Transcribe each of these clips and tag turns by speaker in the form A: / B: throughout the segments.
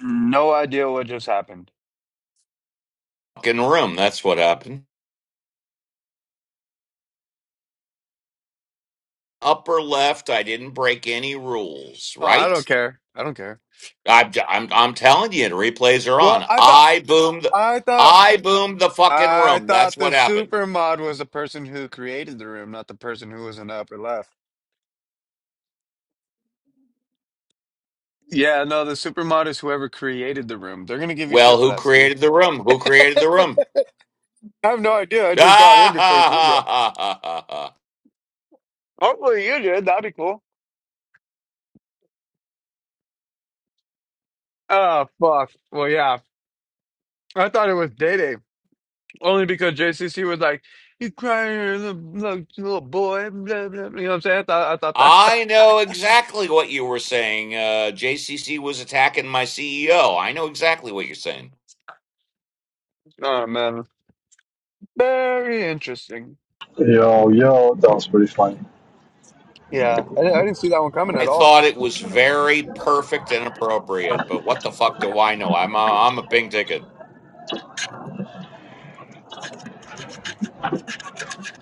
A: No idea what just happened.
B: fucking room. That's what happened. Upper left. I didn't break any rules,
A: Oh, I
B: right?
A: don't care. I don't care.
B: I'm I'm I'm telling you, the replays are
A: Well,
B: on.
A: I thought
B: I boomed. the-
A: I thought
B: I boomed the fucking
A: I
B: room. That's
A: thought the
B: what happened.
A: supermod was the person who created the room, not the person who was in the upper left. Yeah, no, the supermod is whoever created the room. They're gonna give you
B: Well,
A: shit for
B: who
A: that, Steve.
B: created the room? Who created
A: I
B: the room?
A: have no idea. I just got in
B: Ah,
A: before you
B: ha,
A: did
B: ha,
A: that.
B: ha, ha, ha. ha!
A: Hopefully you did. That'd be cool. Oh fuck. Well, yeah. I thought it was Day Day only because JCC was like, "You crying, little, little little boy." Blah, blah, blah." You know what I'm saying? I thought I thought that.
B: I know exactly what you were saying. Uh, JCC was attacking my CEO. I know exactly what you're saying.
A: Oh man. Very interesting.
C: Yo, yo, that was pretty funny.
A: Yeah, I, di- I didn't see that one coming
B: I
A: at all.
B: thought it was
A: Mm,
B: very perfect and appropriate, but what the fuck do I know? I'm a, I'm a pink ticket.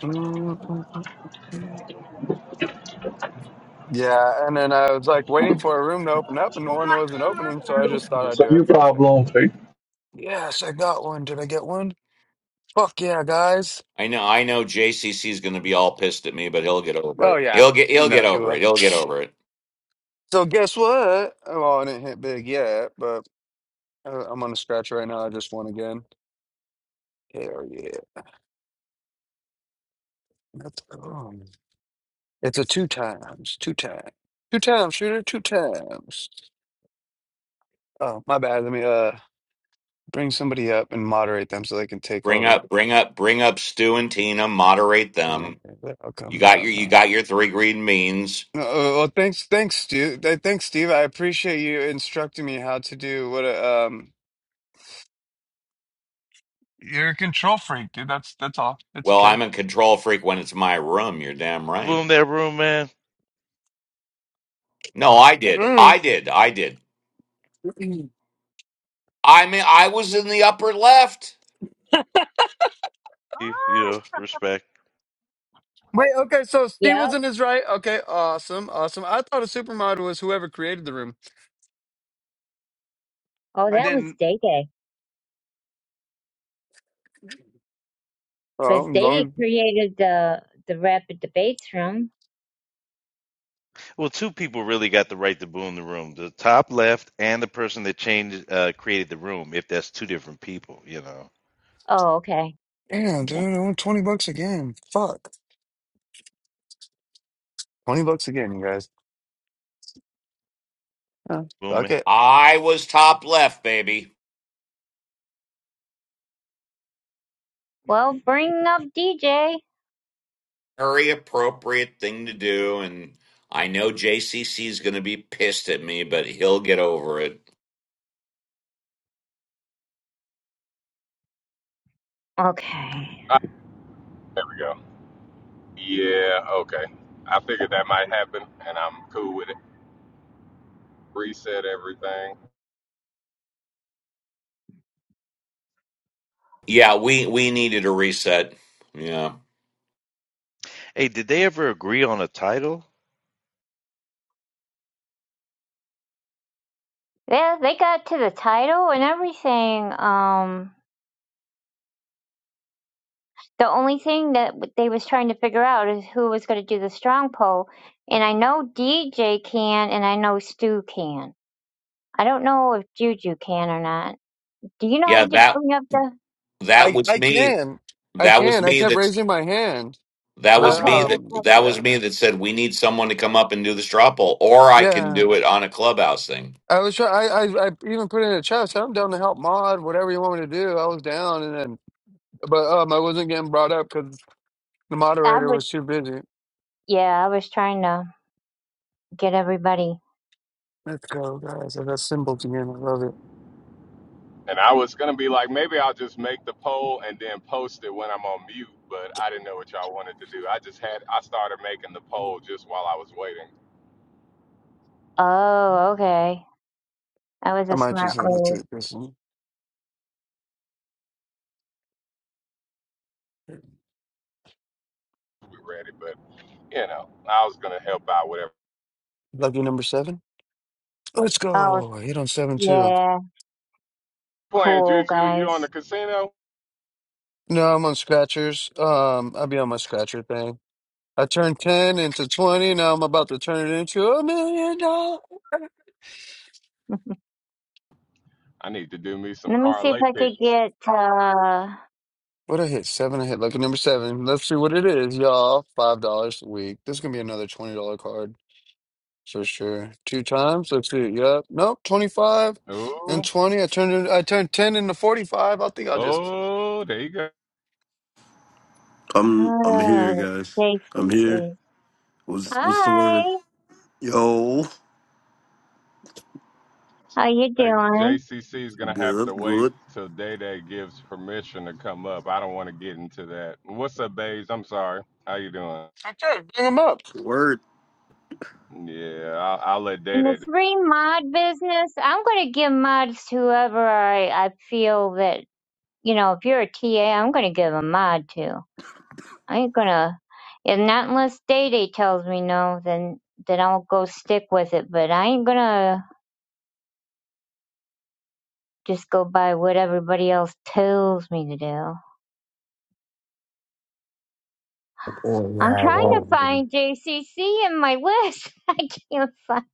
A: mm, mm, mm. Yeah, and then I was like waiting for a room to open up, and one wasn't opening, so I just thought I'd
C: So
A: do
C: new
A: it. Fuck it.
C: problem right?
A: Yes, I got one. Did I get one? Fuck yeah, guys.
B: I know, I know JCC is going to be all pissed at me, but he'll get over
A: Oh
B: it.
A: yeah,
B: He'll get
A: you
B: he'll get
A: know you
B: over it.
A: will.
B: He'll get over it.
A: So guess what? Well, I didn't hit big yet, but uh, I'm on a scratch right now. I just won again. Hell yeah, let's go. It's a two times, two times, two times shooter, two times. Oh my bad. Let me uh. Bring somebody up and moderate them so they can take
B: Bring
A: over.
B: up bring up bring up Stu and Tina, moderate
A: Yeah,
B: them.
A: they're all
B: You
A: coming. They're
B: got
A: all
B: your you
A: coming.
B: got your three green means.
A: No, uh, oh, well, thanks, thanks, Steve. Uh, Thanks, Steve. I appreciate you instructing me how to do what. A, um, you're a control freak, dude. That's that's all. It's
B: Well,
A: okay.
B: I'm a control freak when it's my room. You're damn right.
D: Boom that room, man.
B: No, I did.
A: Mm.
B: I did. I did. I mean, I was in the upper left.
D: You, you
E: Oh,
D: know, respect.
A: Wait, okay. So Steve
E: yeah.
A: was in his right. Okay, awesome, awesome. I thought a supermodel was whoever created the room.
E: Oh,
A: I
E: that was
A: didn't.
E: Day Day. Because
A: Oh, as
E: Day
A: long
E: Day
A: as
E: created the the rapid debates room.
D: Well, two people really got the right to boom the room: the top left and the person that changed, uh, created the room. If that's two different people, you know,
E: Oh, okay.
A: damn,
E: Okay.
A: dude. I want twenty bucks again. Fuck, twenty bucks again, you guys. Uh, fuck
D: booming.
A: it.
B: I was top left, baby.
E: Well, bring up DJ.
B: Very appropriate thing to do and I know JCC is going to be pissed at me, but he'll get over it.
E: Okay.
F: Ah, there we go. Yeah, okay. I figured that might happen, and I'm cool with it. Reset everything.
B: Yeah, we we needed a reset. Yeah.
D: Hey, did they ever agree on a title?
E: Yeah, they got to the title and everything. Um, the only thing that w- they was trying to figure out is who was going to do the strong poll. And I know DJ can, and I know Stu can. I don't know if Juju can or not. Do you know how
B: Yeah,
E: to do,
B: that
E: bring up the?
B: that
A: I
B: was
A: I
B: me.
A: can. I
B: That was
A: can. I
B: me
A: kept
B: that's
A: raising my hand.
B: that
A: But
B: was
E: Okay,
B: me that
E: that's
A: um,
E: what
B: that was
A: yeah,
B: me that said we need someone to come up and do the straw poll or I can
A: yeah.
B: do it on a clubhouse thing.
A: I was try. I, I I even put it in a chat. I said I'm down to help mod whatever you want me to do. I was down, and then but um, I wasn't getting brought up because the
E: I
A: moderator was
E: was.
A: too busy.
E: Yeah, I was trying to. get everybody.
A: Let's go, guys. I got symbols again. I love
F: And I was going to be like, maybe I'll just make the poll and then post it when I'm on mute, but I didn't know what y'all wanted to do. I just had, I started making the
A: it.
F: poll just while I was waiting
E: Oh, okay. That was
A: I
E: a
A: might just
E: smart
A: have to
E: move.
A: take this one.
F: to be ready, but you know, I was going to help out whatever.
A: Lucky number seven. Let's
E: Oh,
A: go. I hit on seven too.
E: yeah.
F: Playing
E: Cool,
F: Juju, you
E: guys.
F: on the casino?
A: No, I'm on scratchers. Um, I'll be on my scratcher thing. I turned ten into twenty. Now I'm about to turn it into a million dollars.
F: I need to do me some
E: Let me see if
F: parlay
E: I could
F: picks.
E: get, uh,
A: What I hit seven. I hit lucky number seven. Let's see what it is, y'all. Five dollars a week. This is gonna be another twenty dollar card for sure. Two times. Let's see. Yep. Nope. Twenty five and
F: Ooh,
A: twenty. I turned it. I turned ten into forty five. I think I'll just
F: oh, there you go.
G: I'm I'm here,
E: oh,
G: guys. I'm here.
E: JCC.
G: What's what's the word?
E: Hi.
G: Yo,
E: How you
F: Like
E: doing?
F: JCC is gonna have to
G: good,
F: wait
G: good.
F: till Day Day gives permission to come up. I don't want to get into that. What's up, Baze? I'm sorry. How you doing?
A: okay. Bring them up.
G: Word.
F: Yeah, I'll, I'll let Day
E: In the
F: Day
E: three mod business, I'm going to give mods to whoever I, I feel that, you know, if you're a TA, I'm going to give a mod to. I ain't gonna, if not unless Day Day tells me no, then then I'll go stick with it. But I ain't gonna just go by what everybody else tells me to do. I'm
H: Yeah,
E: trying to
H: well,
E: find JCC in my list. I can't find.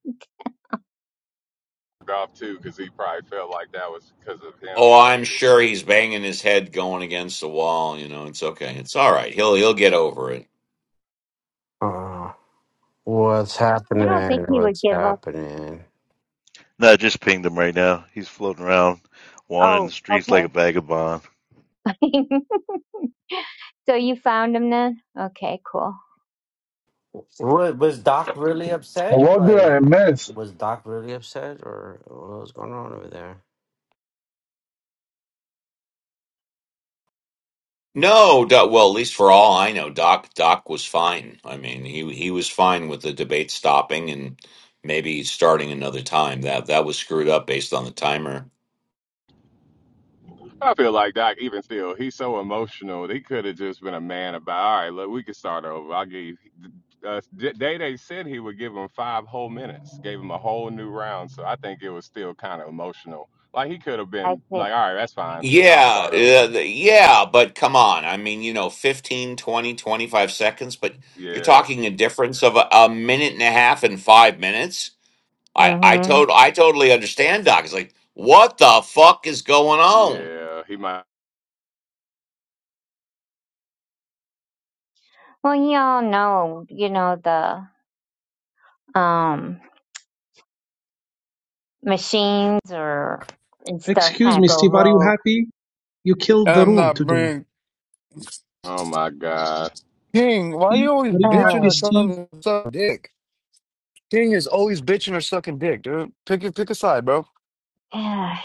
F: talk off too, cause he probably felt like that was because of him,
B: Oh, I'm
F: maybe.
B: sure he's banging his head going against the wall, you know. It's okay. It's all right. He'll he'll get over it.
H: uh, what's
E: I don't think
H: happening?
E: he would
H: What's
E: give up.
H: happening?
D: No, I just pinged him right now. He's floating around, wandering the
E: Oh,
D: streets like a
E: okay.
D: vagabond.
E: so you found him then? Okay, cool.
H: What, was Doc really upset?
C: What did I
H: Like,
C: miss?
H: was Doc really upset, or what was going on over there?
B: No, Doc, well, at least for all I know, Doc Doc was fine. I mean, he he was fine with the debate stopping and maybe starting another time. That that was screwed up based on the timer.
F: I feel like Doc, even still, he's so emotional. He could have just been a man about, all right, look, we can start over. I'll give you. Uh, D- Day Day said he would give him five whole minutes, gave him a whole new round. So I think it was still kind of emotional. Like he could have
E: I
F: been
E: think.
F: like, all right, that's fine. I'll
B: Yeah,
F: start
B: uh,
F: over.
B: the- yeah, but come on. I mean, you know, 15, 20, 25 seconds, but you're
F: Yeah,
B: talking a difference of a, a minute and a half and five minutes. I, I,
E: Mhm.
B: tot- I totally understand, Doc. It's like, what the fuck is going on?
F: yeah. He might.
E: Well, you all know, you know the um machines or and stuff
I: Excuse
E: kind of
I: me,
E: go
I: Steve, are you
E: rogue.
I: happy? You killed the
A: I'm
I: room
A: not
I: today.
A: bringing
F: Oh my God.
A: King. Why
I: Happy?
A: you always
I: Are you
A: bitching
I: happy,
A: or
E: Oh.
I: Steve?
A: trying to suck dick? King is always bitching or sucking dick, dude. Pick a pick a side, bro.
E: Yeah,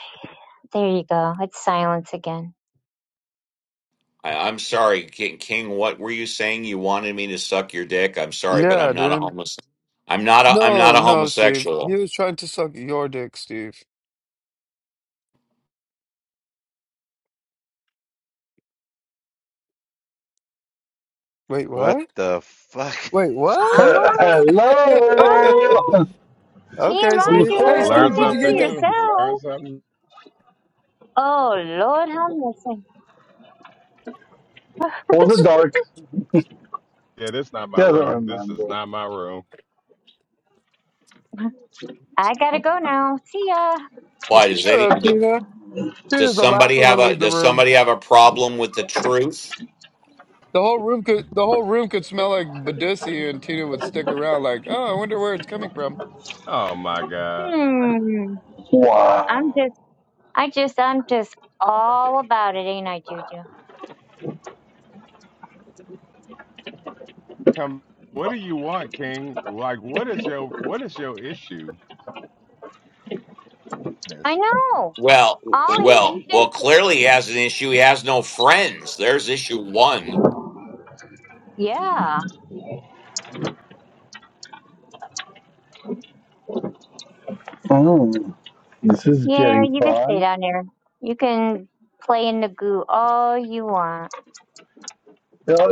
E: there you go. It's silence again.
B: I, I'm sorry, King, King. What were you saying? You wanted me to suck your dick? I'm sorry, but I'm
A: Yeah,
B: not a
A: dude.
B: homeless. I'm not a. I'm not
A: No,
B: a
A: no, Steve. He
B: homosexual.
A: was trying to suck your dick, Steve. Wait,
D: What
A: what?
D: the fuck
A: Wait,
D: is
A: what?
E: Ah,
D: going?
C: Hello,
E: what?
A: okay,
E: TMI,
C: who's
A: Steve.
F: I
A: Hey,
E: dude. Keep
F: learned
A: Steve, did
E: that
A: you
E: to
F: something
A: get
C: home?
A: the?
F: new. Learned
E: yourself.
F: something.
E: Oh, Lord, how missing.
C: Was it dark?
F: Yeah, this not
C: He
F: my
C: Doesn't
F: room. This is
C: remember.
F: not my room.
E: I gotta go now. See ya.
B: Why does
A: Shut up,
B: any?
A: Tina.
B: Does
A: Tina's the last
B: somebody
A: one to
B: have a?
A: leave the
B: Does
A: room.
B: somebody have a problem with the truth?
A: The whole room could the whole room could smell like Badoosie, and Tina would stick around like, oh, I wonder where it's coming from.
F: Oh my God.
E: Hmm. I'm
C: Wow.
E: just, I just, I'm just all about it, ain't I, Juju?
F: Come, what do you want, King? Like, what is your what is your issue?
E: I
F: That's,
E: know.
B: Well,
E: All he, he
B: well, well,
E: just,
B: clearly he has an issue. He has no friends. There's issue one.
E: yeah.
C: Oh, this is
E: Yeah,
C: getting
E: you can stay
C: fun.
E: down there. You can play in the goo all you want.
C: Yeah,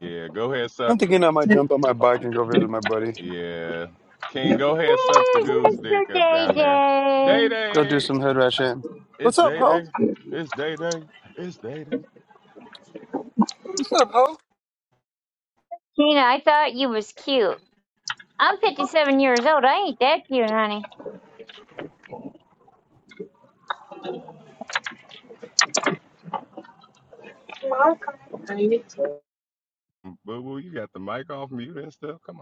F: yeah, go ahead, suck.
A: I'm thinking I might
C: see,
A: jump on my bike and go visit my buddy.
F: Yeah, King, go ahead, suck the
E: There's
F: goose dick
E: Mr.
F: up
E: Day
F: down there. Day
E: Day.
A: Go do
F: day,
A: some hood rat shit.
F: it's
A: What's up,
F: day
A: ho?
F: day, it's day day, it's day day.
A: What's up, ho?
E: Tina, I thought you was cute. I'm 57 years old. I ain't that cute, honey.
F: Boo boo, you got the mic off mute and stuff. Come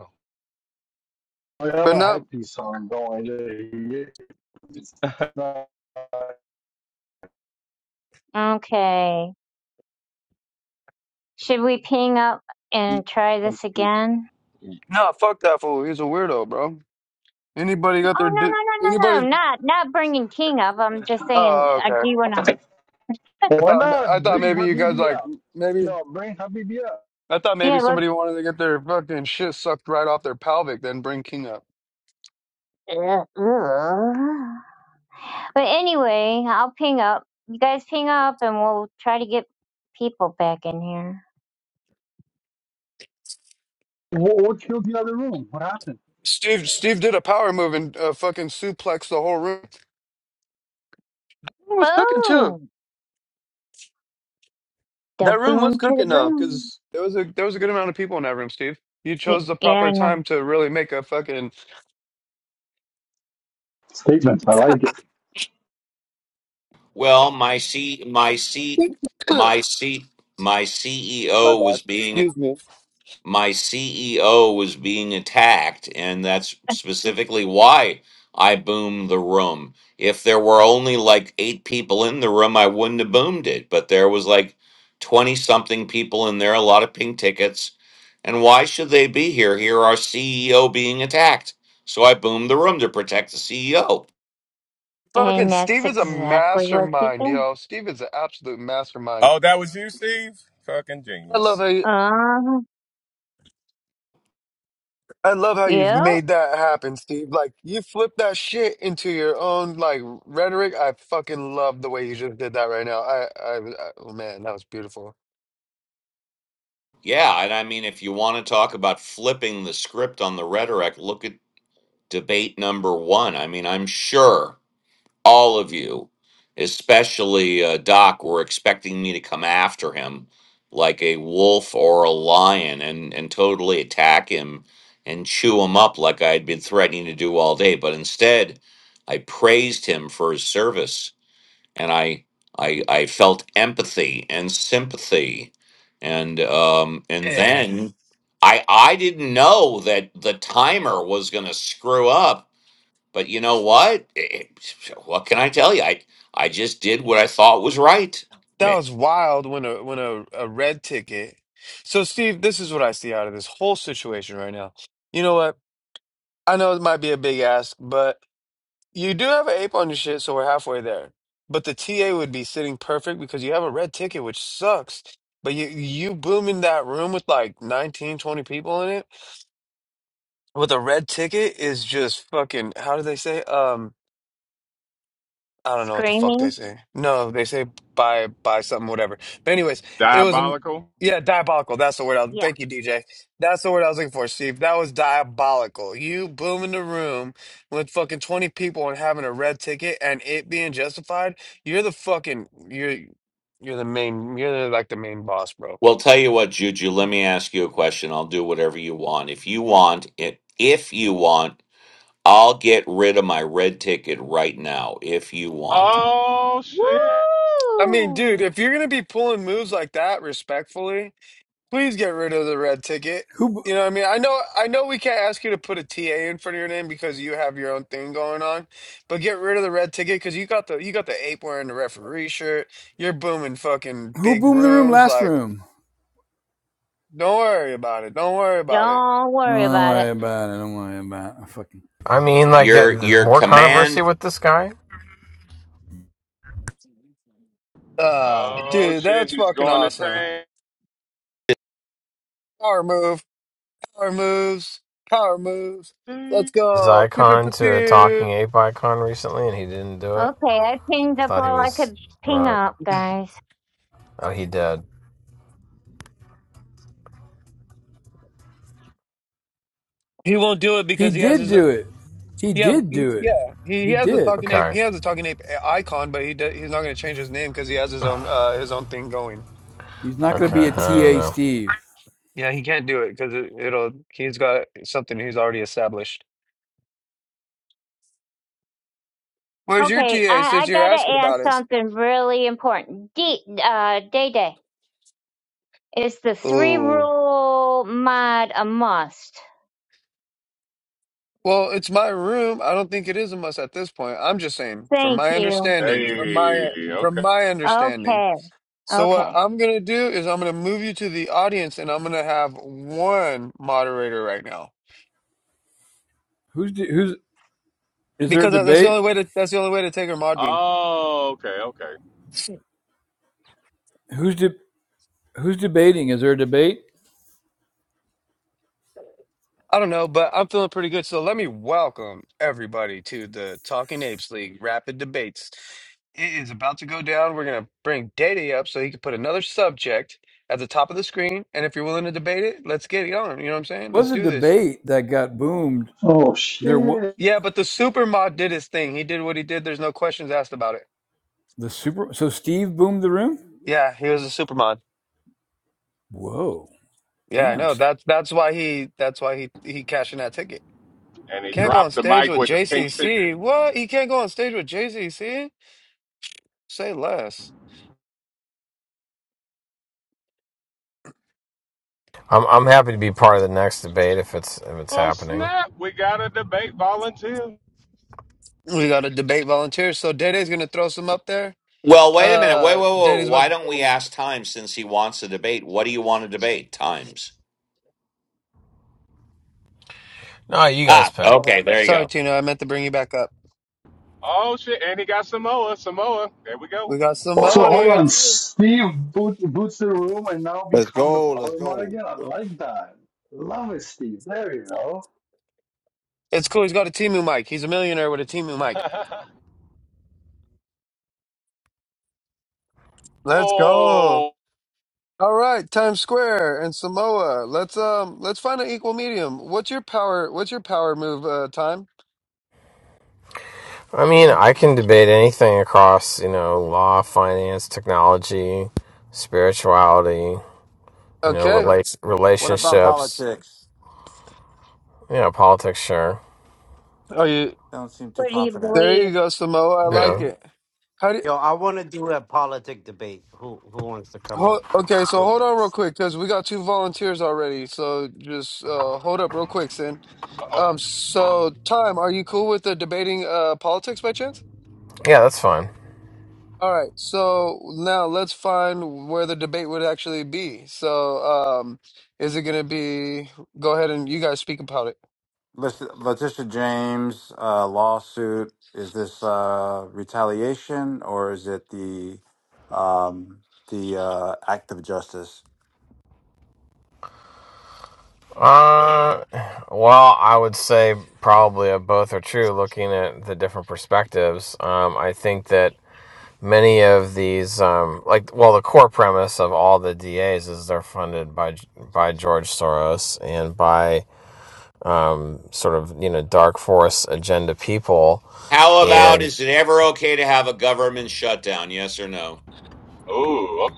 C: I have
A: But
C: a
A: not,
C: headpiece on. Don't I? It's
F: on,
C: not
E: Okay. Should we ping up and try
C: on
E: this again?
A: no, fuck that fool. He's a weirdo, bro. Anybody
E: Oh,
A: got
E: no,
A: their, di-
E: no, no, no,
A: anybody?
E: no. Not, not bringing King up. I'm just saying,
A: Oh,
E: I do
A: okay.
E: want
A: I
C: Why
A: thought,
C: not
A: I thought
E: to.
C: bring
A: maybe you guys
C: Habibi
A: like,
C: up?
A: maybe
C: Yo, bring Habibi up.
A: I thought
E: Yeah,
A: maybe
E: let's.
A: somebody wanted to get their fucking shit sucked right off their pelvic, then bring King up.
E: Ugh, ugh. But anyway, I'll ping up. You guys ping up and we'll try to get people back in here.
C: What, what killed the other room? What happened?
A: Steve Steve did a power move and uh, fucking suplexed the whole room. It was cooking too.
E: Boom! The
A: That room
E: boom
A: was
E: to the
A: cooking though,
E: boom.
A: because there was a there was a good amount of people in that room. Steve, you
E: Y-
A: chose the
E: Yeah, I
A: proper
E: know.
A: time to really make a fucking.
C: Statement. I like it.
B: Well, my C, my C, my
A: My
B: C, my CEO
A: bad.
B: was being
A: Excuse me.
B: my CEO was being attacked, and that's specifically why I boomed the room. If there were only like eight people in the room, I wouldn't have boomed it, but there was like 20 something people in there, a lot of pink tickets. And why should they be here? Here, our CEO being attacked. So I boomed the room to protect the CEO.
A: Fucking
E: And that's
A: Steve is a
E: exactly what she
A: mastermind,
E: did.
A: yo. Steve is an absolute mastermind.
F: Oh, that was you, Steve? Fucking
A: I love
F: genius.
A: how
E: Uh-huh.
A: I love how you've
E: Yep.
A: made that happen, Steve. Like you flipped that shit into your own like rhetoric. I fucking love the way you just did that right now. I, I, I- oh man, that was beautiful.
B: Yeah, and I mean, if you want to talk about flipping the script on the rhetoric, look at debate number one. I mean, I'm sure all of you, especially uh, Doc, were expecting me to come after him like a wolf or a lion and, and totally attack him and chew him up like I had been threatening to do all day. But instead, I praised him for his service and I, I, I felt empathy and sympathy. And um, and
A: Hey,
B: then I I didn't know that the timer was going to screw up but you know what? It- what can I tell you? I I just did what I thought was right.
A: that
B: Ma-
A: was wild when a when a, a red ticket. So Steve, this is what I see out of this whole situation right now. You know what? I know it might be a big ask, but You do have an ape on your shit, so we're halfway there. But the TA would be sitting perfect because you have a red ticket, which sucks. But you you booming that room with like 19, 20 people in it with a red ticket is just fucking, how do they say? it? I don't know what the fuck they
E: Screaming.
A: say. No, they say buy buy something, whatever. But anyways, it was a
F: diabolical.
A: yeah, diabolical. That's the word. I,
E: Yeah.
A: thank you, DJ. That's the word I was looking for, Steve. That was diabolical. You booming the room with fucking twenty people and having a red ticket and it being justified. You're the fucking you're you're the main you're like the main boss, bro.
B: Well, tell you what, Juju. Let me ask you a question. I'll do whatever you want. If you want it, if you want, I'll get rid of my red ticket right now. If you want
F: Oh shit!
A: I mean, dude,
E: Woo!
A: if you're gonna be pulling moves like that, respectfully. Please get rid of the red ticket.
J: Who
A: You know, what I mean, I know, I know, we can't ask you to put a TA in front of your name because you have your own thing going on, but get rid of the red ticket because you got the you got the ape wearing the referee shirt. You're booming fucking
J: who
A: big
J: boomed the room
A: rooms.
J: last
A: Like,
J: room?
A: don't worry about it. Don't worry about it.
E: Don't
J: Oh,
E: worry
J: don't
E: about it.
J: worry about it. Don't worry about it. fucking.
K: I mean, like, yeah,
B: your
K: th-
B: your
K: more
B: command.
K: controversy with this guy.
A: Uh,
F: Oh
A: dude,
F: shit!
A: that's
F: He's
A: fucking
F: going to
A: awesome.
F: tank.
A: Power move, power moves, power moves. Let's go. Pew pew pew
K: Zycon to a talking
A: pew.
K: ape icon recently, and he didn't do it.
E: Okay, I pinged
K: I
E: up
K: thought he
E: all I
K: was
E: could ping
K: right.
E: up, guys.
K: Oh, he did.
A: He won't do it
J: He
A: because he has
J: did
A: his.
J: do it. He
A: Yeah,
J: did
A: he-
J: do it.
A: yeah. He he
J: He
A: has a
J: did.
A: talking ape.
K: Okay.
A: He has a talking ape i- icon, but he do, he's not going to change his name because he has his own uh his own thing going.
J: He's not going to
K: Okay.
J: be a
K: I don't
J: TA,
K: know.
J: Steve.
A: Yeah, he can't do it because it, it'll he's got something he's already established. Where's your
E: Okay,
A: TA
E: I, I
A: since you're
E: gotta
A: asking about
E: ask
A: it?
E: something really important. D, uh, Day Day, is the three
A: Oh,
E: rule mod a must?
A: well, it's my room. I don't think it is a must at this point. I'm just saying, from
E: Thank
A: my
E: you.
A: understanding, from
F: Hey,
A: my
F: okay.
A: from my understanding.
E: Okay,
A: So what
E: okay.
A: I'm gonna do is I'm gonna move you to the audience, and I'm gonna have one moderator right now.
J: Who's de- who's is there a
A: because that- that's the
J: debate?
A: only way to that's the only way to take her mod beam.
F: Oh, okay, okay.
J: Who's de- who's debating? Is there a debate?
A: I don't know, but I'm feeling pretty good. So let me welcome everybody to the Talking Apes League Rapid Debates. It is about to go down. We're gonna bring Data up so he can put another subject at the top of the screen. And if you're willing to debate it, let's get it on. You know what I'm saying?
J: There
A: Let's
J: Was a
A: do this.
J: debate that got boomed?
C: Oh
J: There what
C: shit.
A: Yeah, but the super mod did his thing. He did what he did. There's no questions asked about it.
J: the super. So Steve boomed the room.
A: Yeah, he was a super mod.
J: Whoa,
A: Yeah, I
J: damn.
A: know. That's that's why he that's why he he cashed in that ticket.
F: And he
A: Can't go on
F: dropped the
A: stage
F: mic
A: with
F: with the pink ticket.
A: JCC. What? He can't go on stage with JCC? Say less.
K: I'm I'm happy to be part of the next debate if it's if it's
F: Oh
K: happening.
F: snap! We got a debate volunteer.
A: We got a debate volunteer. So Dede's going to throw some up there.
B: Well, wait a minute. Wait,
A: Uh,
B: wait,
A: Dede's
B: wait.
A: about
B: Why
A: to
B: don't
A: throw
B: we
A: one up.
B: ask Times since he wants to debate? What do you want to debate, Times?
K: No, you guys
B: Ah,
K: pick.
B: okay. There you
A: Sorry,
B: go.
A: Tina. I meant to bring you back up.
F: Oh shit! And he got Samoa. Samoa. There we go.
A: We got
C: So
A: Samoa
C: hold
F: Samoan.
A: here,
C: on.
A: too.
C: Steve boot, boots the room and now
L: Let's
C: becomes a
L: go. Let's
C: power mod
L: go.
C: again. I like that. Love it, Steve. There you go.
A: It's cool. He's got a Timu mic. He's a millionaire with a Timu mic. Let's go.
F: oh.
A: All right, Times Square and Samoa. Let's um let's find an equal medium. What's your power what's your power move uh time?
K: I mean, I can debate anything across you know law, finance, technology, spirituality, you know,
A: Okay.
K: relate
L: What about
K: relationships,
L: politics?
K: you know, politics. Sure.
A: Are you
L: Don't seem too
E: What do you
L: confident.
A: there
E: believe?
A: you go, Samoa. I like
K: Yeah.
A: it. How do
H: Yo, I want to do a politic debate. Who who wants to come
A: Ho
H: up?
A: okay, so hold on real quick because we got two volunteers already. So just uh, hold up real quick, Sin.
F: Uh-oh.
A: Um, so time, are you cool with the debating uh politics by chance?
K: Yeah, that's fine.
A: All right, so now let's find where the debate would actually be. So, um, is it gonna be? Go ahead and you guys speak about it.
L: Listen, Letitia James uh, lawsuit. Is this uh, retaliation or is it the um, the uh, act of justice?
K: Uh, well, I would say probably of both are true. Looking at the different perspectives, um, I think that many of these, um, like, well, the core premise of all the DAs is they're funded by by George Soros and by um, sort of you know dark force agenda people,
B: How about
K: and
B: is it ever okay to have a government shutdown? Yes or no?
F: Oh. okay.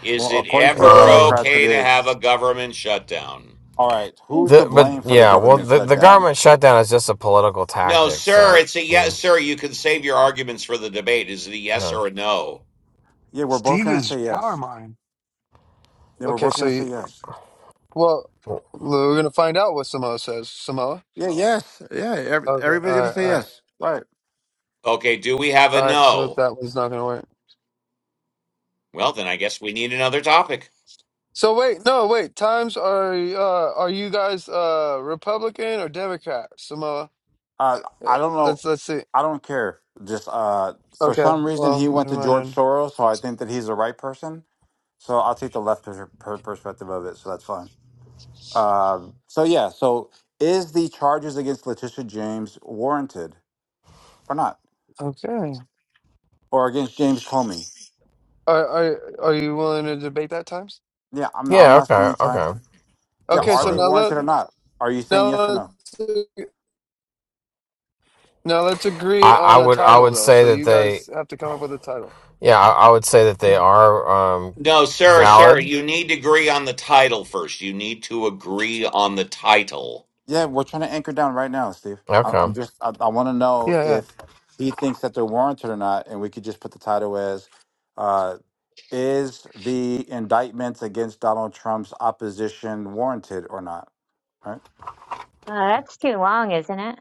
B: Is
L: Well,
B: it
L: according to the
B: ever
K: um,
L: Democrats, it
B: okay to have
L: is.
B: a government shutdown?
L: All right. Who's
E: Hmm,
K: the
L: to
K: but
L: blame for the
K: yeah, well,
L: government
K: the the
L: shutdown?
K: government shutdown is just a political
B: No,
K: tactic.
B: sir.
K: So
B: It's a
K: I
B: yes,
K: mean,
B: sir. You can save your arguments for the debate. Is it a yes
K: yeah,
B: or a no?
L: Yeah, we're both
A: Steve
L: going to
A: is
L: say
A: power
L: yes.
A: mine.
L: Yeah, we're
A: Okay,
L: both
A: so
L: going to
A: you,
L: say yes.
A: well, we're gonna find out what Samoa says. Samoa.
L: Yeah, yes. Yeah, every,
A: Okay.
L: everybody's
A: All
L: going to
A: right,
L: say
A: all right,
L: yes. Right.
B: Okay, do we have a
A: all right. So
B: no?
A: that one's not gonna work.
B: Well, then I guess we need another topic.
A: So wait, no, wait. Times are uh are you guys uh Republican or Democrat, Samoa?
L: Uh,
A: Yeah,
L: I don't know.
A: let's let's see.
L: I don't care. Just uh, for
A: Okay.
L: some reason,
A: Well,
L: he went
A: never
L: to
A: mind
L: George
A: then.
L: Soros, so I think that he's the right person. So I'll take the left per- per- perspective of it. So that's fine. Um, so yeah. So is the charges against Letitia James warranted or not,
A: Okay.
L: or against James Comey?
A: Are are are you willing to debate that times?
L: Yeah, I'm.
K: yeah,
L: I'm asking
K: okay,
L: you time.
K: okay,
L: Yeah,
A: Okay,
K: that's
L: are
A: so
K: fine.
L: they
A: now let
L: warranted or not? Are you saying
A: now
L: yes or no?
A: let's now let's agree
K: I, I
A: on a
K: would I
A: title
K: would
A: though.
K: say
A: So
K: that
A: you
K: they
A: guys have to come up with a title.
K: yeah I, I would say that they are um
B: No, sir, sir.
K: valid.
B: You need to agree on the title first. You need to agree on the title.
L: Yeah, we're trying to anchor down right now, Steve. I,
K: Okay.
L: I'm just. I, I want to know
A: Yeah, yeah.
L: if he thinks that they're warranted or not, and we could just put the title as. uh, Is the indictment against Donald Trump's opposition warranted or not? All right.
E: Uh, that's too long, isn't it?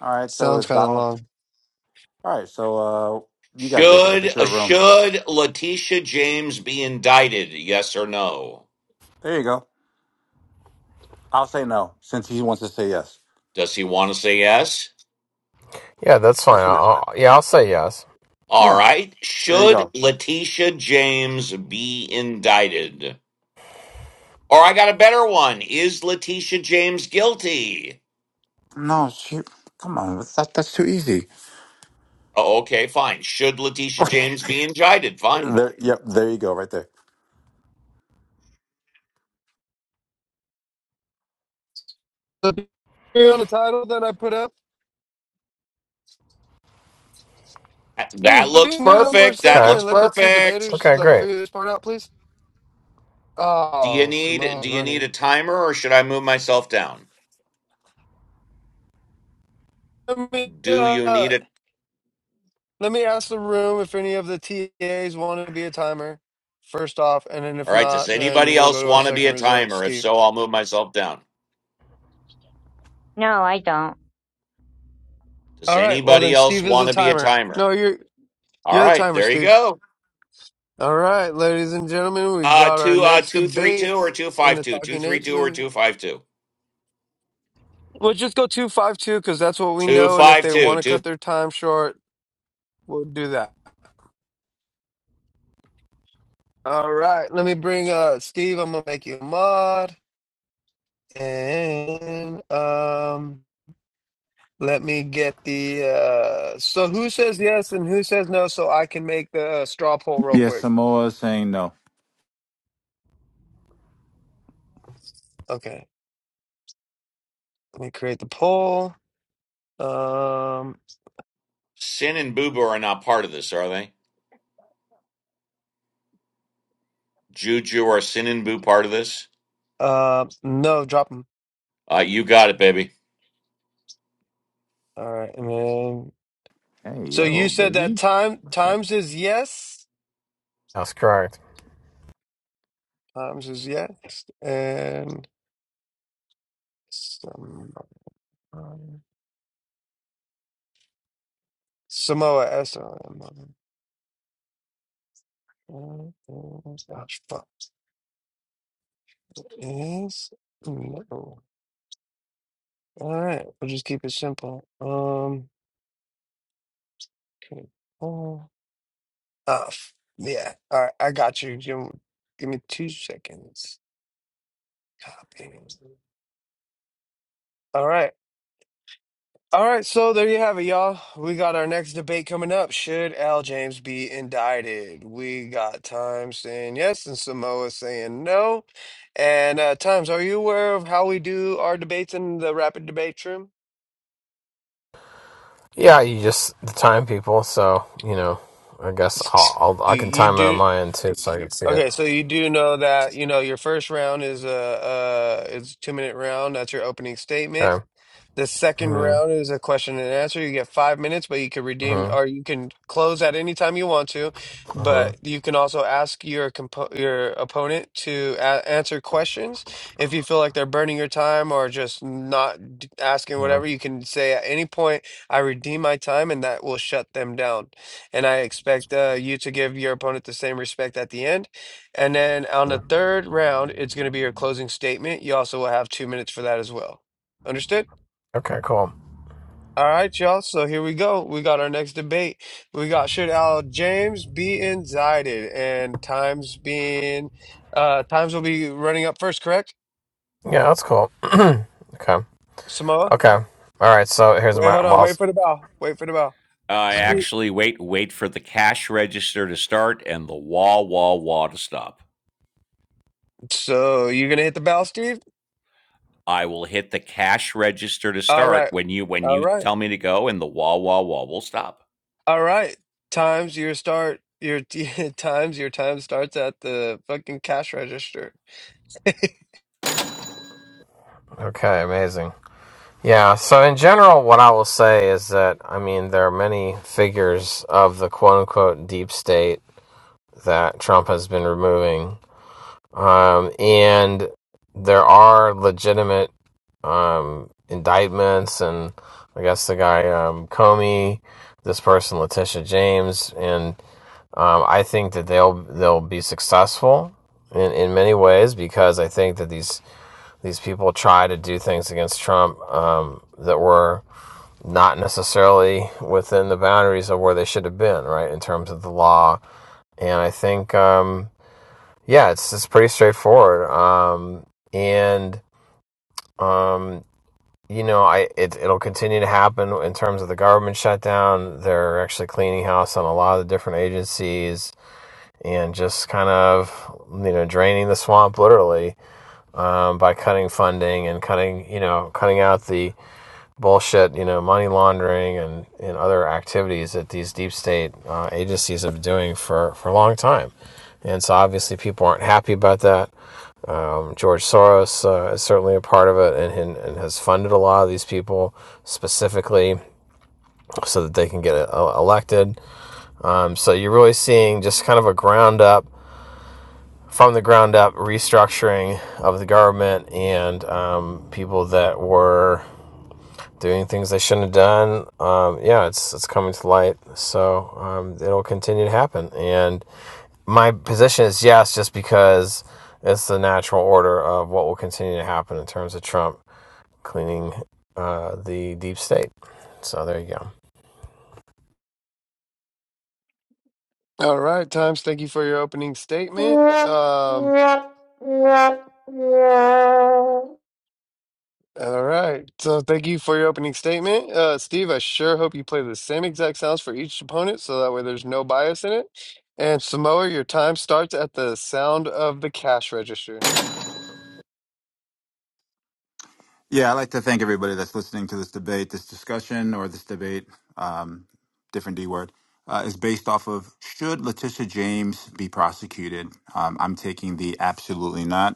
L: All right. So
A: Sounds
L: is
A: kind of
L: Donald.
A: long.
L: All right. So uh, you guys make it up.
B: Should
L: It's
B: uh,
L: your room.
B: should Letitia James be indicted? Yes or no?
L: There you go. I'll say no since he wants to say yes.
B: Does he want to say yes?
K: Yeah, that's fine.
L: That's what it.
K: I'll, I'll- yeah, I'll say yes.
B: All
L: Yeah.
B: right.
L: There you
B: Should
L: go.
B: Letitia James be indicted? Or I got a better one. Is Letitia James guilty?
L: No, shoot. Come on. That's, that, that's too easy.
B: Oh, okay, fine. Should Letitia James be indicted? Fine.
L: There, yep. There you go. Right there.
A: So agree on a title that I put up.
B: That that
A: Steve, will
B: looks
A: you mute up for a
B: perfect. That
A: second
K: Okay.
B: looks
A: and let the two
B: perfect.
A: debaters
K: Okay,
A: like
K: great.
A: figure this part out, please?
B: Do you
A: Oh,
B: need
A: Samoa's
B: do you need a
A: running.
B: timer or should I move myself down?
A: Let me
B: Do you
A: uh,
B: need it?
A: let me ask the room if any of the TAs want to be a timer first off, and then if
B: All right, does
A: not, then
B: anybody
A: we'll go
B: else
A: to our
B: want to be
A: second
B: a
A: resort,
B: timer? If
A: Steve.
B: so, I'll move myself down.
E: No, I don't.
B: Does
A: All right, well
B: anybody
A: then
B: else
A: Steve is
B: want
A: the
B: to be a
A: timer.
B: timer?
A: No, you're
B: All
A: you're the
B: right,
A: timer,
B: there you
A: Steve.
B: go.
A: All right, ladies and gentlemen, we
B: Uh,
A: got our
B: two, uh,
A: next
B: two, three, two, or
A: debate
B: two,
A: in
B: five,
A: the
B: two, two,
A: Talking
B: three,
A: Apes
B: two, or
A: League.
B: two, five, two,
A: We'll just go two five two because that's what we
B: two,
A: know, and if
B: five,
A: they
B: two,
A: want to
B: two.
A: cut their time short, we'll do that. All right, let me bring uh Steve. I'm gonna make you a mod, and um. Let me get the uh so who says yes and who says no so I can make the uh, straw poll real
L: Yes.
A: quick.
L: Samoa is saying no.
A: Okay. Let me create the poll. Um
B: Sin and Boo Boo are not part of this, are they? Juju or Sin and Boo part of this?
A: uh no, drop them.
B: Uh, you got it, baby.
A: All right. And then
L: Hey,
A: so you
L: yo,
A: said that
L: baby.
A: time times is yes.
K: That's correct.
A: Times is yes and some Samoa S O M. Gosh, fuck. Is no. All right. We'll just keep it simple. Um Oh, uh, f- yeah. All right, I got you. Give, give me two seconds. Copy. All right. All right, so there you have it, y'all. We got our next debate coming up. Should Al James be indicted? We got Time saying yes and Samoa saying no. And uh, Times, are you aware of how we do our debates in the rapid debate room?
K: Yeah, you just the time people. So you know, I guess
A: S-
K: I'll, I'll
A: You,
K: I can
A: you
K: time it on
A: do
K: my end too, so I can see it.
A: okay, so you do know that you know your first round is a uh, is a two minute round. That's your opening statement.
K: Okay.
A: The second round
K: Mm-hmm.
A: is a question and answer. You get five minutes, but you can redeem or
K: Mm-hmm.
A: you can close at any time you want to. But
K: Mm-hmm.
A: you can also ask your compo your opponent to a answer questions. If you feel like they're burning your time or just not d- asking
K: Yeah.
A: whatever, you can say at any point, I redeem my time, and that will shut them down. And I expect uh, you to give your opponent the same respect at the end. And then on the
K: Mhm.
A: third round, it's going to be your closing statement. You also will have two minutes for that as well. Understood?
K: Okay. Cool.
A: All right, y'all. So here we go. We got our next debate. We got should Al James be indicted? And times being, uh, times will be running up first, correct?
K: Yeah, that's cool. okay.
A: Samoa.
K: Okay. All right. So here's
A: Wait,
K: my.
A: hold on. Wait for the bell. Wait for the bell.
B: Uh,
K: i
A: Steve.
B: actually, wait, wait for the cash register to start and the wah wah wah to stop.
A: So you're gonna hit the bell, Steve?
B: I will hit the cash register to
A: All
B: start
A: right.
B: when you when
A: All
B: you
A: right.
B: tell me to go, and the wah wah wah will stop.
A: All right. Times your start. Your times. Your time starts at the fucking cash register.
K: Okay. Amazing. Yeah, so in general, what I will say is that, I mean, there are many figures of the quote unquote deep state that Trump has been removing. Um, and there are legitimate um, indictments, and I guess the guy um, Comey, this person Letitia James, and um, I think that they'll they'll be successful in, in many ways because I think that these these people try to do things against Trump um, that were not necessarily within the boundaries of where they should have been, right, in terms of the law. And I think, um, yeah, it's it's pretty straightforward. Um, and um, you know, I it it'll continue to happen in terms of the government shutdown. They're actually cleaning house on a lot of the different agencies and just kind of you know draining the swamp literally um, by cutting funding and cutting you know cutting out the bullshit, you know, money laundering and, and other activities that these deep state uh, agencies have been doing for, for a long time. And so obviously people aren't happy about that. Um, George Soros uh, is certainly a part of it and, and, has funded a lot of these people specifically so that they can get uh, elected. Um, so you're really seeing just kind of a ground up, from the ground up restructuring of the government and um, people that were doing things they shouldn't have done. Um, yeah, it's it's coming to light, so um, it'll continue to happen. And my position is yes, just because it's the natural order of what will continue to happen in terms of Trump cleaning uh, the deep state. So there you go.
A: All right, Times, thank you for your opening statement. Um, All right. So thank you for your opening statement. Uh, Steve, I sure hope you play the same exact sounds for each opponent so that way there's no bias in it. And Samoa, your time starts at the sound of the cash register.
L: Yeah, I'd like to thank everybody that's listening to this debate, this discussion, or this debate, um, different D word, uh, is based off of should Letitia James be prosecuted? Um, I'm taking the absolutely not.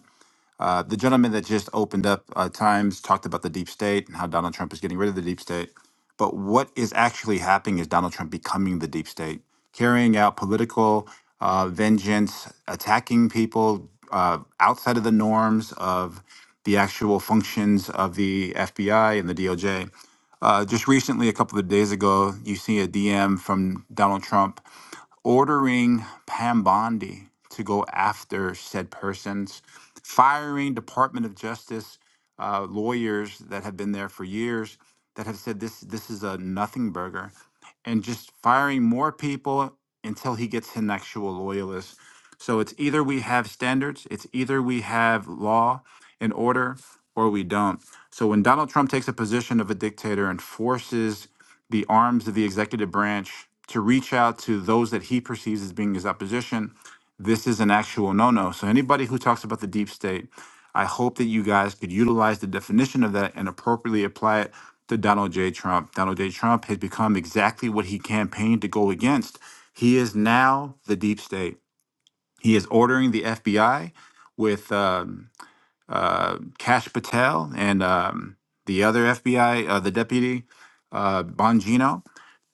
L: Uh, the gentleman that just opened up uh, Times talked about the deep state and how Donald Trump is getting rid of the deep state. But what is actually happening is Donald Trump becoming the deep state, carrying out political uh, vengeance, attacking people uh, outside of the norms of the actual functions of the FBI and the DOJ. Uh, just recently, a couple of days ago, you see a DM from Donald Trump ordering Pambondi to go after said persons, firing Department of Justice uh, lawyers that have been there for years that have said this this is a nothing burger, and just firing more people until he gets an actual loyalist. So it's either we have standards, it's either we have law and order, or we don't. So when Donald Trump takes a position of a dictator and forces the arms of the executive branch to reach out to those that he perceives as being his opposition, this is an actual no no. So, anybody who talks about the deep state, I hope that you guys could utilize the definition of that and appropriately apply it to Donald J. Trump. Donald J. Trump has become exactly what he campaigned to go against. He is now the deep state. He is ordering the FBI with um, uh, Cash Patel and um, the other FBI, uh, the deputy, uh, Bongino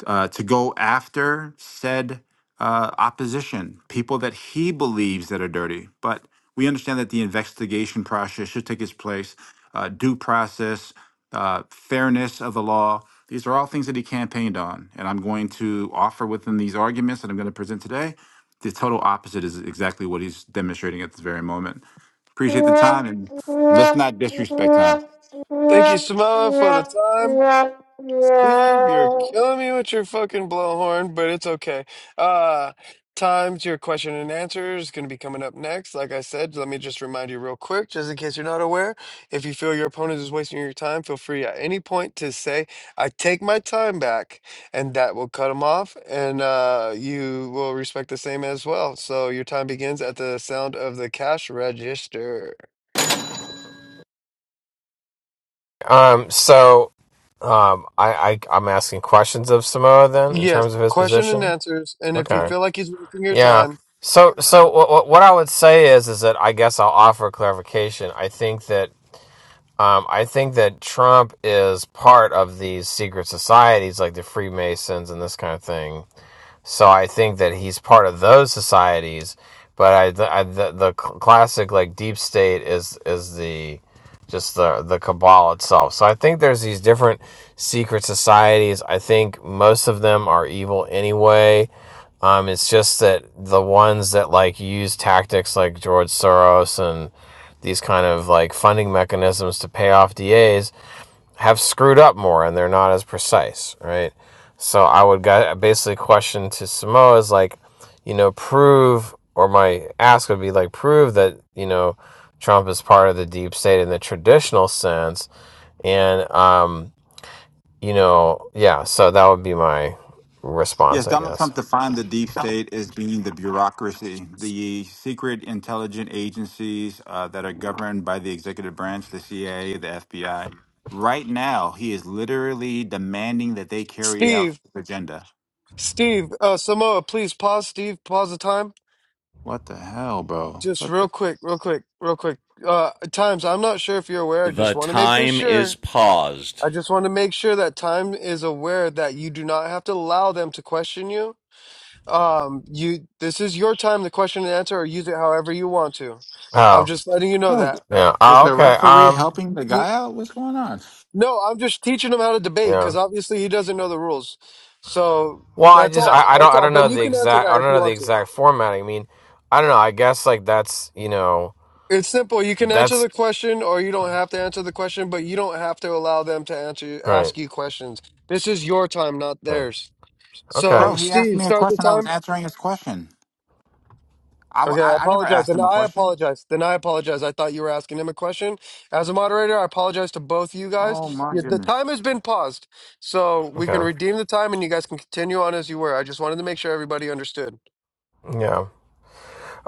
L: uh, to go after said uh, opposition, people that he believes that are dirty. But we understand that the investigation process should take its place, uh, due process, uh, fairness of the law. These are all things that he campaigned on, and I'm going to offer within these arguments that I'm going to present today. The total opposite is exactly what he's demonstrating at this very moment. Appreciate the
B: The
L: time, and let's not disrespect time.
A: Thank you, Samoa, for the time. Steve, you're killing me with your fucking blowhorn, but it's okay. Uh, times your question and answer is going to be coming up next. Like I said, let me just remind you real quick, just in case you're not aware. If you feel your opponent is wasting your time, feel free at any point to say, I take my time back, and that will cut them off, and uh, you will respect the same as well. So your time begins at the sound of the cash register.
K: Um, so um, I, I I'm asking questions of Samoa then in
A: Yes,
K: terms of his
A: question and
K: position.
A: answers. And if you
K: Okay.
A: feel like he's wasting your
K: Yeah.
A: time,
K: So so what what what I would say is is that I guess I'll offer clarification. I think that Um, I think that Trump is part of these secret societies like the Freemasons and this kind of thing. So I think that he's part of those societies, but I, th- I the, the classic like deep state is is the just the the cabal itself. So I think there's these different secret societies. I think most of them are evil anyway. Um, it's just that the ones that like use tactics like George Soros and these kind of like funding mechanisms to pay off DAs have screwed up more and they're not as precise, right? So I would basically question to Samoa is like, you know, prove or my ask would be like prove that you know Trump is part of the deep state in the traditional sense, and um, you know, yeah. So that would be my
L: Yes,
K: response, I
L: Donald
K: guess.
L: Trump defined the deep state as being the bureaucracy, the secret intelligence agencies uh, that are governed by the executive branch, the CIA, the FBI. Right now, he is literally demanding that they carry out
A: Steve.
L: his agenda.
A: Steve, uh, Samoa, please pause. Steve, pause the time.
L: What the hell, bro?
A: Just
L: What
A: real
L: the
A: quick, real quick, real quick. Uh, times, I'm not sure if you're aware. I just want to make this
B: time is
A: sure.
B: paused.
A: I just want to make sure that time is aware that you do not have to allow them to question you. Um, you, this is your time to question and answer, or use it however you want to. I'm
K: Oh,
A: just letting you know
L: hell?
A: that.
K: yeah.
L: Is
K: Oh,
L: the
K: okay.
L: referee
K: Um,
L: helping the
A: You,
L: guy out? What's going on?
A: no, I'm just teaching him how to debate
K: yeah.
A: because obviously he doesn't know the rules. So
K: Well, I
A: that's
K: just
A: all.
K: I, I don't
A: That's
K: I
A: all.
K: don't
A: But
K: know
A: you
K: the
A: can answer
K: exact I
A: that if
K: don't know
A: you
K: the
A: want to.
K: exact formatting. I mean, I don't know. I guess like that's you know
A: It's simple. You can answer
K: that's
A: the question or you don't have to answer the question, but you don't have to allow them to answer
K: Right.
A: ask you questions. This is your time, not
K: right.
A: theirs.
K: Okay.
L: Bro,
A: So,
L: he asked
A: Steve,
L: me a
A: start the
L: question. I was
A: time.
L: answering his question. I, w-
A: Okay, I
L: I, I never
A: apologize.
L: asked
A: And
L: him a
A: I
L: question.
A: apologize. Then I apologize. I thought you were asking him a question. As a moderator, I apologize to both you guys.
L: Oh, my
A: Yeah, The
L: goodness.
A: time has been paused. So we can
K: Okay.
A: redeem the time and you guys can continue on as you were. I just wanted to make sure everybody understood.
K: Yeah.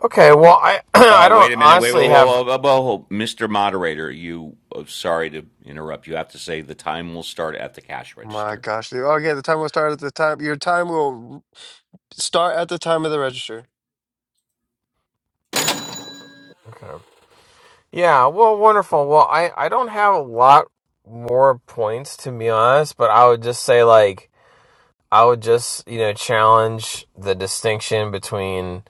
K: Okay. Well, I I
B: Oh,
K: don't
B: wait a minute. Wait, wait,
K: honestly
B: whoa,
K: have.
B: whoa, whoa, whoa. Mr. Moderator, you, oh, sorry to interrupt. You have to say the time will start at the cash
A: My
B: register.
A: gosh. dude. Okay, the time will start at the time. Your time will start at the time of the register.
K: Okay. Yeah. Well, wonderful. Well, I I don't have a lot more points to be honest, but I would just say like I would just you know challenge the distinction between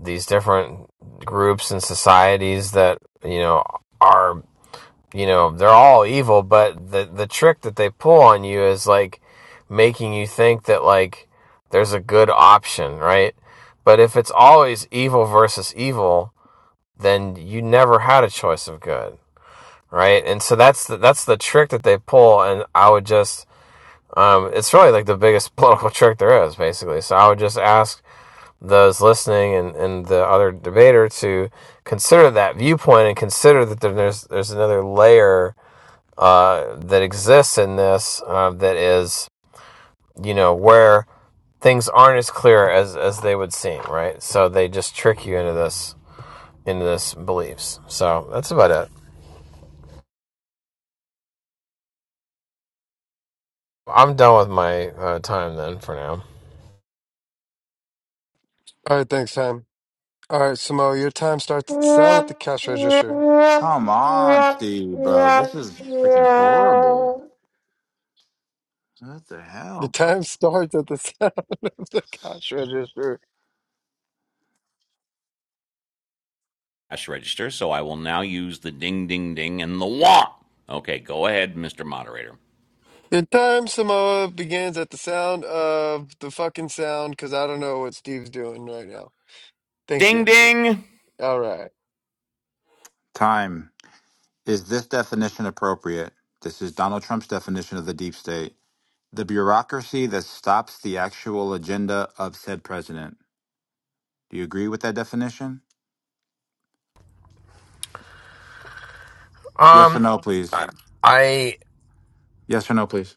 K: these different groups and societies that you know are you know they're all evil but the the trick that they pull on you is like making you think that like there's a good option right but if it's always evil versus evil then you never had a choice of good right and so that's the, that's the trick that they pull and i would just um, it's really like the biggest political trick there is basically so i would just ask those listening and, and the other debater to consider that viewpoint and consider that there's there's another layer uh, that exists in this uh, that is, you know, where things aren't as clear as as they would seem, right? So they just trick you into this into this beliefs. So that's about it. I'm done with my uh, time then for now.
A: All right, thanks, Sam. All right, Samo, your time starts at the sound at the cash register.
L: Come on, Steve, bro. This is freaking horrible. What the
A: Your
L: hell?
A: time starts at the sound of the cash register.
B: Cash register. So I will now use the ding, ding, ding and the wah. Okay, go ahead, Mr. Moderator.
A: Your time, Samoa, begins at the sound of the fucking sound because I don't know what Steve's doing right now. Thank
B: Ding
A: you.
B: ding.
A: All right.
L: Time. Is this definition appropriate? This is Donald Trump's definition of the deep state. The bureaucracy that stops the actual agenda of said president. Do you agree with that definition? Yes or
K: Um,
L: no, please.
K: I,
L: Yes or no, please.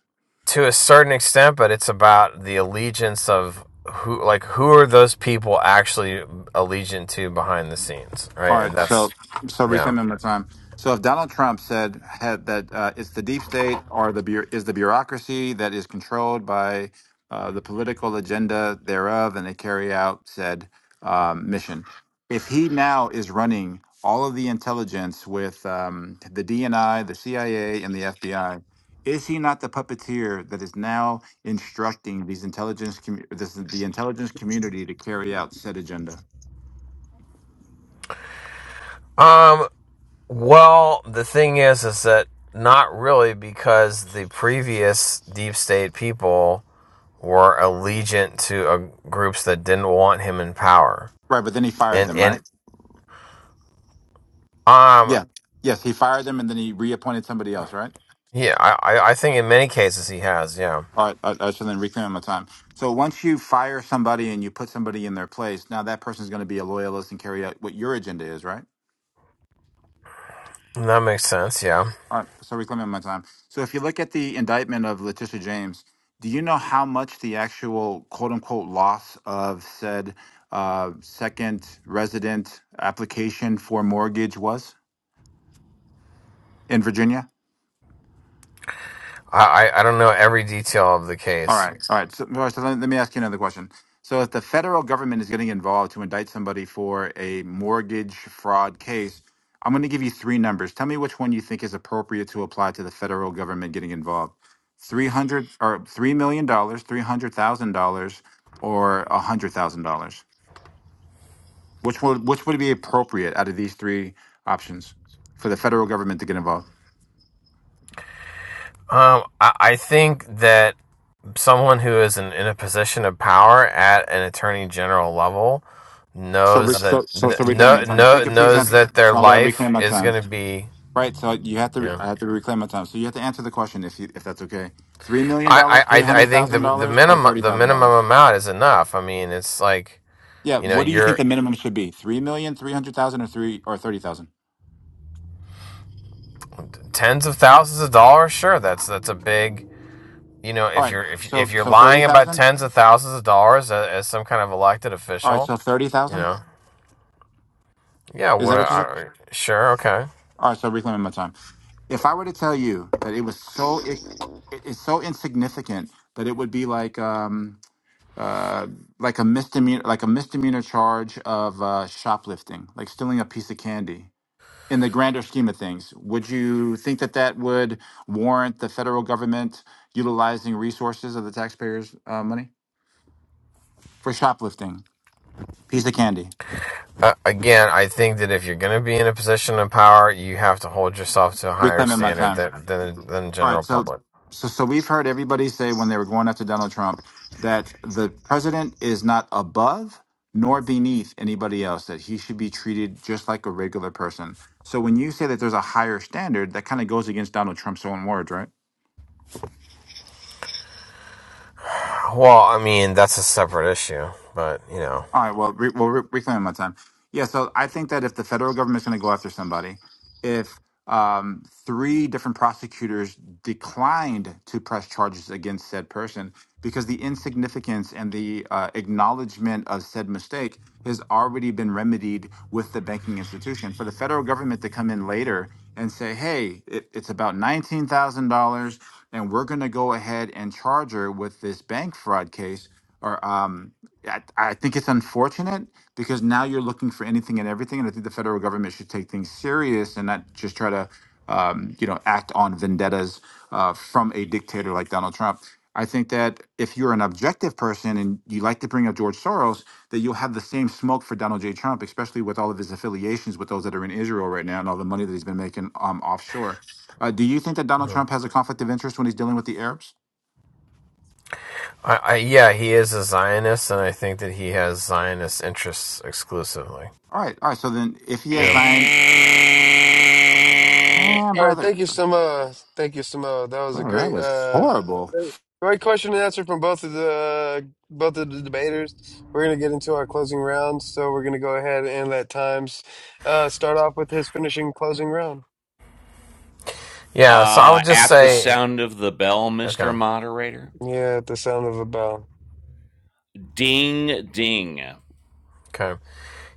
K: to a certain extent, but it's about the allegiance of who, like who are those people actually allegiant to behind the scenes,
L: All
K: right? And
L: right,
K: that's
L: so so
K: yeah.
L: reclaiming my time. So if Donald Trump said had, that uh, it's the deep state or the bu- is the bureaucracy that is controlled by uh, the political agenda thereof, and they carry out said um, mission. If he now is running all of the intelligence with um, the DNI, the CIA, and the FBI, is he not the puppeteer that is now instructing these intelligence commu- this, the intelligence community to carry out said agenda?
K: Um, Well, the thing is, is that not really because the previous deep state people were allegiant to uh, groups that didn't want him in power,
L: Right, but then he fired
K: and
L: them,
K: and
L: right?
K: um
L: Yeah. Yes, he fired them and then he reappointed somebody else, right?
K: yeah, I I think in many cases he has yeah
L: All right. Uh, uh, so then reclaim my time. So once you fire somebody and you put somebody in their place, now that person's going to be a loyalist and carry out what your agenda is, right?
K: that makes sense yeah
L: All right. So reclaiming my time. So if you look at the indictment of Letitia James, do you know how much the actual quote unquote loss of said uh, second resident application for mortgage was in Virginia?
K: I I, I don't know every detail of the
L: All
K: case
L: right, all right. So, all right, so let, let me ask you another question. So, if the federal government is getting involved to indict somebody for a mortgage fraud case, I'm going to give you three numbers. Tell me which one you think is appropriate to apply to the federal government getting involved: three hundred or three million dollars, three hundred thousand dollars, or a hundred thousand dollars. Which would which would be appropriate out of these three options for the federal government to get involved?
K: um I, I think that someone who is in, in a position of power at an attorney general level
L: So, we-
K: knows that
L: so, so, so reclaim my
K: no
L: time. If you
K: no
L: could please
K: knows
L: answer.
K: that their
L: So, I'm going to
K: life
L: reclaim my
K: is
L: time.
K: going to be
L: Right, so you have
K: Yeah,
L: to. I have to reclaim my time. So you have to answer the question if you, if that's okay. Three million
K: I,
L: dollars,
K: I
L: three
K: i
L: hundred
K: think the
L: thousand
K: the
L: dollars, or
K: minimum
L: thirty
K: the
L: thousand
K: minimum
L: dollars.
K: amount is enough i mean it's like
L: Yeah.
K: you know
L: What do you think
K: you're
L: the minimum should be? Three million, three hundred thousand, or three or thirty thousand.
K: tens of thousands of dollars sure that's that's a big you know
L: All
K: if
L: right.
K: you're if,
L: So
K: if you're
L: so thirty
K: lying about
L: thousand.
K: tens of thousands of dollars as, as some kind of elected
L: All right.
K: official
L: So thirty
K: you
L: thousand.
K: know yeah
L: Is that
K: what a-
L: what you said?
K: I, sure okay
L: All right. So reclaiming my time. If I were to tell you that it was so it, it is so insignificant that it would be like um uh like a misdemeanor like a misdemeanor charge of uh shoplifting like stealing a piece of candy in the grander scheme of things, would you think that that would warrant the federal government utilizing resources of the taxpayers' uh, money for shoplifting? Piece of candy.
K: Uh, again, I think that if you're going to be in a position of power, you have to hold yourself to a higher
L: Reclaiming my
K: standard
L: time.
K: than than, than the
L: All right.
K: general
L: So,
K: public.
L: so, so we've heard everybody say when they were going after Donald Trump that the president is not above nor beneath anybody else; that he should be treated just like a regular person. So, when you say that there's a higher standard, that kind of goes against Donald Trump's own words, right?
K: Well, I mean that's a separate issue, but you know,
L: All right. Well, re- we'll re- reclaim my time. Yeah. So I think that if the federal government's going to go after somebody, if um, three different prosecutors declined to press charges against said person because the insignificance and the uh, acknowledgement of said mistake has already been remedied with the banking institution. For the federal government to come in later and say, hey, it, it's about $19,000 and we're going to go ahead and charge her with this bank fraud case or um, I, I think it's unfortunate because now you're looking for anything and everything, and I think the federal government should take things serious and not just try to, um, you know, act on vendettas uh, from a dictator like Donald Trump. I think that if you're an objective person and you like to bring up George Soros, that you'll have the same smoke for Donald J. Trump, especially with all of his affiliations with those that are in Israel right now and all the money that he's been making um, offshore. Uh, do you think that Donald Trump has a conflict of interest when he's dealing with the Arabs?
K: I, I yeah, he is a Zionist, and I think that he has Zionist interests exclusively.
L: All right, all right. So then, if he has
K: Yeah,
L: Zion, man,
A: All right.
L: brother.
A: Thank you, Samoa. Thank you, Samoa. That was a
L: Oh, that
A: great,
L: was
A: uh,
L: horrible.
A: great, great question and answer from both of the uh, both of the debaters. We're gonna get into our closing round, so we're gonna go ahead and let Times uh, start off with his finishing closing round.
K: yeah. So I
B: Uh,
K: would just
B: at the
K: say,
B: sound of the bell,
K: okay,
B: Mr. Moderator.
A: Yeah, at the sound of a bell.
B: Ding ding.
K: okay,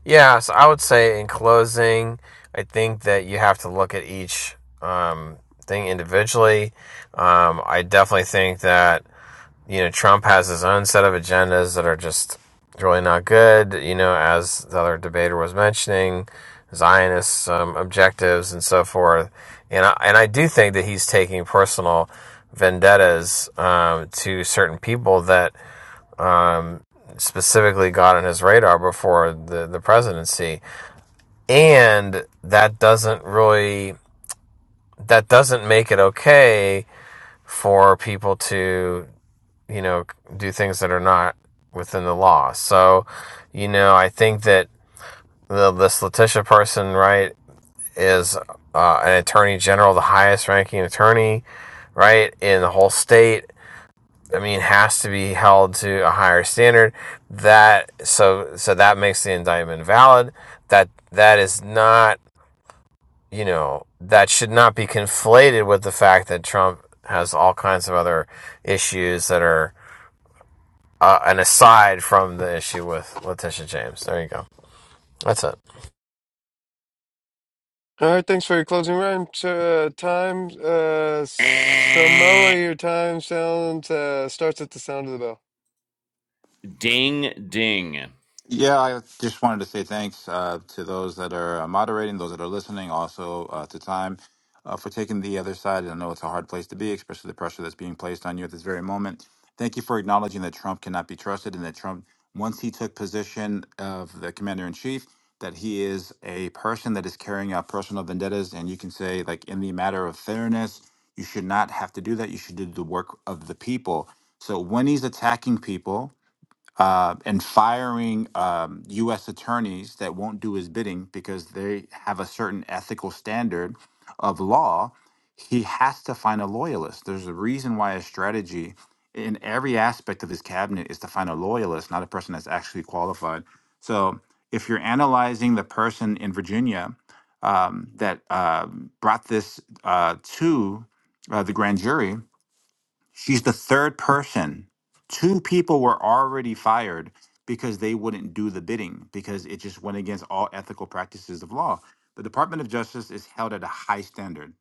K: yeah. So I would say, in closing, I think that you have to look at each um, thing individually. Um, I definitely think that you know, Trump has his own set of agendas that are just really not good, you know, as the other debater was mentioning, Zionist um, objectives and so forth. And I, and I do think that he's taking personal vendettas um, to certain people that um, specifically got on his radar before the, the presidency. And that doesn't really, that doesn't make it okay for people to you know, do things that are not within the law. So, you know, I think that the, this Letitia person, right, is uh, an attorney general, the highest ranking attorney, right, in the whole state. I mean, has to be held to a higher standard. That so so that makes the indictment valid. That that is not you know that should not be conflated with the fact that Trump has all kinds of other issues that are uh, an aside from the issue with Letitia James. There you go. That's it.
A: All right, thanks for your closing rhyme. Uh, time, uh, Samoa, your time sound uh, starts at the sound of the bell.
B: Ding ding.
L: Yeah, I just wanted to say thanks uh, to those that are uh, moderating, those that are listening, also uh, to time uh, for taking the other side. I know it's a hard place to be, especially the pressure that's being placed on you at this very moment. Thank you for acknowledging that Trump cannot be trusted and that Trump, once he took position of the commander in chief, that he is a person that is carrying out personal vendettas. And you can say, like, in the matter of fairness, you should not have to do that. You should do the work of the people. So when he's attacking people, uh, and firing um, U.S. attorneys that won't do his bidding because they have a certain ethical standard of law, he has to find a loyalist. There's a reason why his strategy in every aspect of his cabinet is to find a loyalist, not a person that's actually qualified. So if you're analyzing the person in Virginia um, that uh, brought this uh, to uh, the grand jury, She's the third person. Two people were already fired because they wouldn't do the bidding because it just went against all ethical practices of law. The Department of Justice is held at a high standard,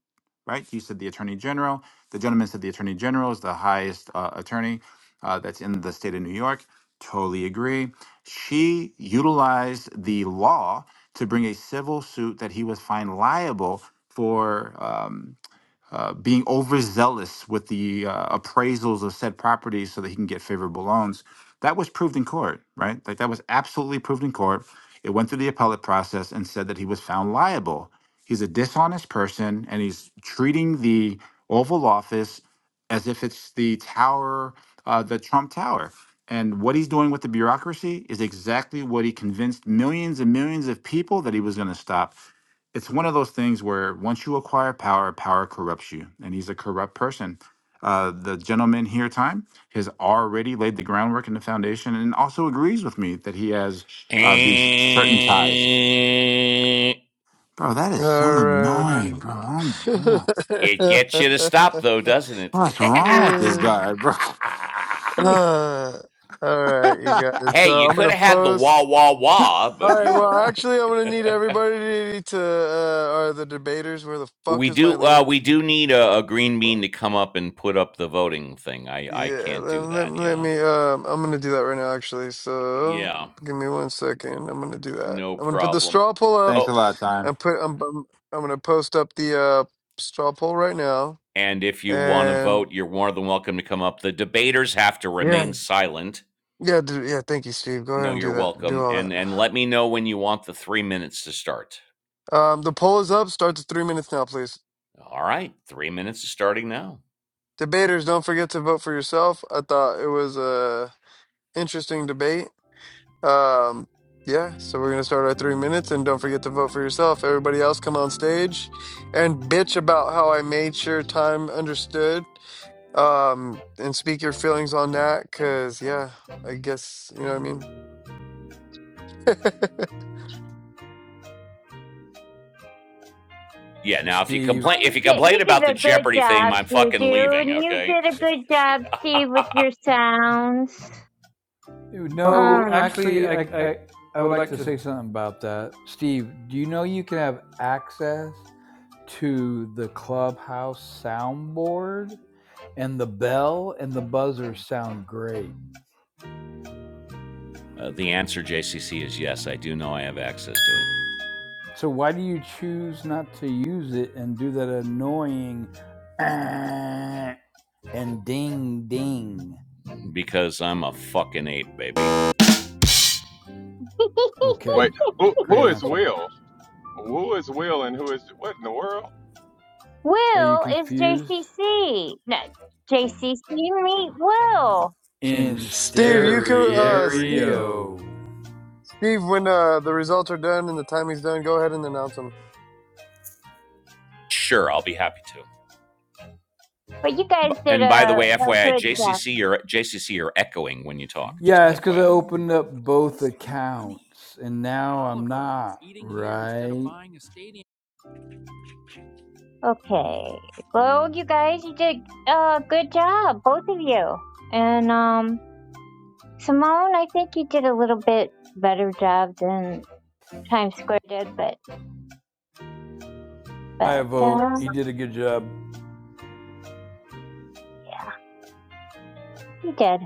L: right? You said the Attorney General. The gentleman said the Attorney General is the highest uh, attorney uh, that's in the state of New York. Totally agree. She utilized the law to bring a civil suit that he was fined liable for. um, uh, being overzealous with the uh, appraisals of said properties so that he can get favorable loans. That was proved in court, right? Like that was absolutely proved in court. It went through the appellate process and said that he was found liable. He's a dishonest person and he's treating the Oval Office as if it's the tower, uh, the Trump Tower. And what he's doing with the bureaucracy is exactly what he convinced millions and millions of people that he was going to stop it's one of those things where once you acquire power, power corrupts you, and he's a corrupt person. Uh, the gentleman here, time, has already laid the groundwork and the foundation, and also agrees with me that he has uh, these certain ties. Bro, that is so
A: All
L: annoying, bro. Oh my god,
B: It gets you to stop, though, doesn't it?
L: what's wrong with this
A: right.
L: guy, bro?
A: Uh,
L: Jeez.
A: uh, all right, you guys.
B: hey,
A: So
B: you
A: I'm
B: could
A: gonna
B: have had the wah
A: post.
B: wah wah,
A: All
B: but
A: right.
B: you know
A: Well,
B: what.
A: actually, I'm gonna need everybody to uh, are the debaters. Where the
B: We
A: fuck is my
B: do uh
A: link?
B: we do need a, a green bean to
A: Fuck.
B: come up and put up the voting thing. I I
A: Yeah,
B: can't
A: let,
B: do
A: let,
B: that.
A: let
B: Yeah.
A: me. Um, I'm gonna do that right now, actually.
B: Yeah.
A: So give me one second. I'm gonna do that.
B: No
A: I'm gonna put the
B: problem.
A: straw poll up.
L: Thanks a
B: Oh,
L: lot, time.
A: and put. I'm. I'm, I'm gonna post up the uh, straw poll right now.
B: and if you want to
A: And
B: vote, you're more than welcome to come up. The debaters have to
A: yeah,
B: remain silent.
A: yeah, do, yeah. Thank you, Steve. Go
B: No,
A: ahead and
B: you're
A: do that. Do
B: welcome.
A: all
B: And and
A: that.
B: let me know when you want the 3 minutes to start.
A: Um, the poll is up. Starts at three minutes now, please.
B: All right. 3 minutes is starting now.
A: Debaters, don't forget to vote for yourself. I thought it was a interesting debate. Um, yeah, so we're gonna start our three minutes, and don't forget to vote for yourself. Everybody else, come on stage and bitch about how I made sure time understood. Um, and speak your feelings on that, cause yeah, I guess you know what I mean.
B: Yeah, now if you
M: Steve,
B: complain
E: Oh,
B: if
E: you
B: you
E: did,
B: complain
E: you
B: about the
E: did a good
B: Jeopardy theme,
E: job,
B: I'm fucking
E: Juju,
B: leaving,
E: and you
B: okay?
E: did a good job, Steve, with your sounds.
J: Oh,
M: no,
E: Um,
J: actually,
M: actually,
J: I
M: I,
J: I
M: I, I
J: I
M: would
J: would
M: like
J: like
M: to
J: to
M: say something about that. Steve, do you know you can have access to the clubhouse soundboard and the bell and the buzzer sound great?
B: Uh, the answer JCC is yes. I do know I have access to it.
M: So why do you choose not to use it and do that annoying and ding ding?
B: because I'm a fucking ape, baby.
M: Okay,
F: Wait. Who, who
M: great
F: is
M: answer.
F: Will? Who is Will and who is what in the world?
M: Are you
E: Will is
M: confused?
E: JCC. No, JCC meet Will.
J: in
M: In
A: Steve, you could, uh, Steve,
J: stereo.
M: stereo.
A: Steve, when uh the results are done and the timing's done, go ahead and announce them.
B: Sure, I'll be happy to.
E: But you guys did
B: And by the
E: a,
B: way,
E: a
B: FYI,
E: good job.
B: JCC, you're JCC, you're echoing when you talk.
M: Yeah, it's because I opened up both accounts and now I'm not, right?
E: Okay. Well, you guys, you did a good job, both of you. And um, Simone, I think you did a little bit better job than Times Square did, but
M: I
E: but
M: vote.
E: uh,
M: He did a good job.
E: you did.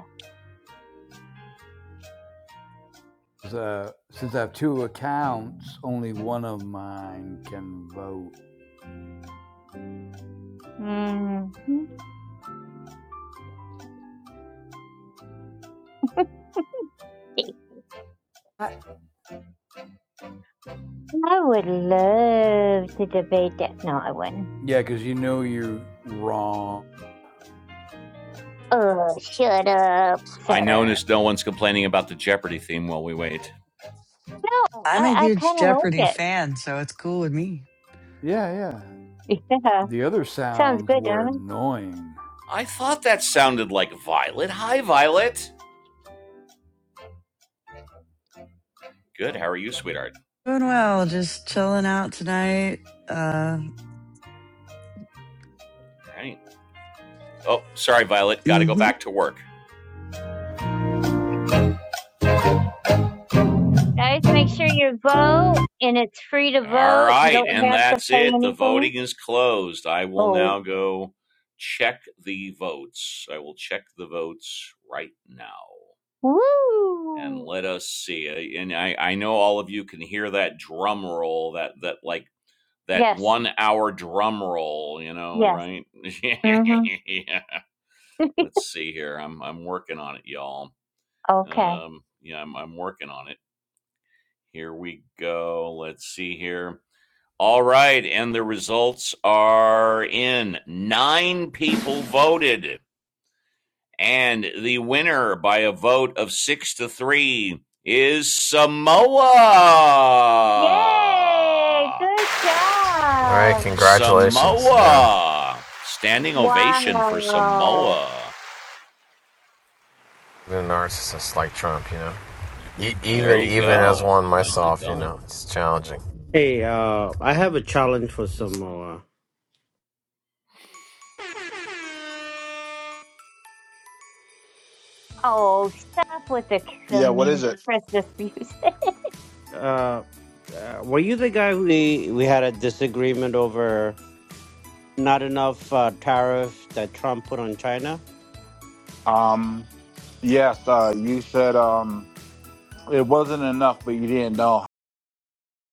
M: Uh, since I have two accounts, only one of mine can vote.
E: mm Let's see.
M: I,
E: I would love to debate that. No, I wouldn't.
M: Yeah, because you know you're wrong.
E: Oh, shut up,
B: I
E: sir.
B: noticed no one's complaining about the Jeopardy theme while we wait.
E: No,
N: I'm a
E: I, I
N: huge
E: kind of
N: Jeopardy
E: like it.
N: fan, so it's cool with me.
M: Yeah, yeah.
E: Yeah,
M: The other
E: sounds
M: sounds
E: good,
M: were
E: don't it?
M: annoying.
B: I thought that sounded like Violet. Hi, Violet. Good. How are you, sweetheart?
N: Doing well, just chilling out tonight. Uh,
B: All right. Oh, sorry, Violet. Got to go
N: mhm.
B: back to work.
E: Guys, make sure you vote, and it's free to
B: All
E: vote. You
B: right,
E: don't
B: and
E: have to
B: that's
E: pay
B: it. The
E: anything.
B: voting is closed. I will
E: Oh,
B: now go check the votes. I will check the votes right now. and
E: woo!
B: let us see. Uh, And I, I know all of you can hear that drum roll, that that like that
E: Yes,
B: one hour drum roll, you know,
E: yes.
B: right?
E: Mm-hmm.
B: yeah. Let's see here. I'm I'm working on it, y'all.
E: Okay.
B: Um, yeah, I'm I'm working on it. Here we go. Let's see here. All right, and the results are in. Nine people voted. And the winner by a vote of six to three is Samoa.
E: Yay! Good
K: All right,
E: job!
K: congratulations. You know,
B: Samoa. Standing ovation for
E: Wow.
B: Samoa.
K: being a narcissist like Trump, you know, e-
B: There
K: even
B: you
K: even as
B: go.
K: one
B: Nicely
K: myself, you know,
B: done.
K: it's challenging.
H: Hey, uh, I have a challenge for Samoa.
E: Oh, stop with the
L: Yeah, what is it?
E: compressed disputes.
H: Uh, uh, were you the guy we we had a disagreement over not enough uh, tariff that Trump put on China?
L: Um, yes, uh, you said um, it wasn't enough, but you didn't know.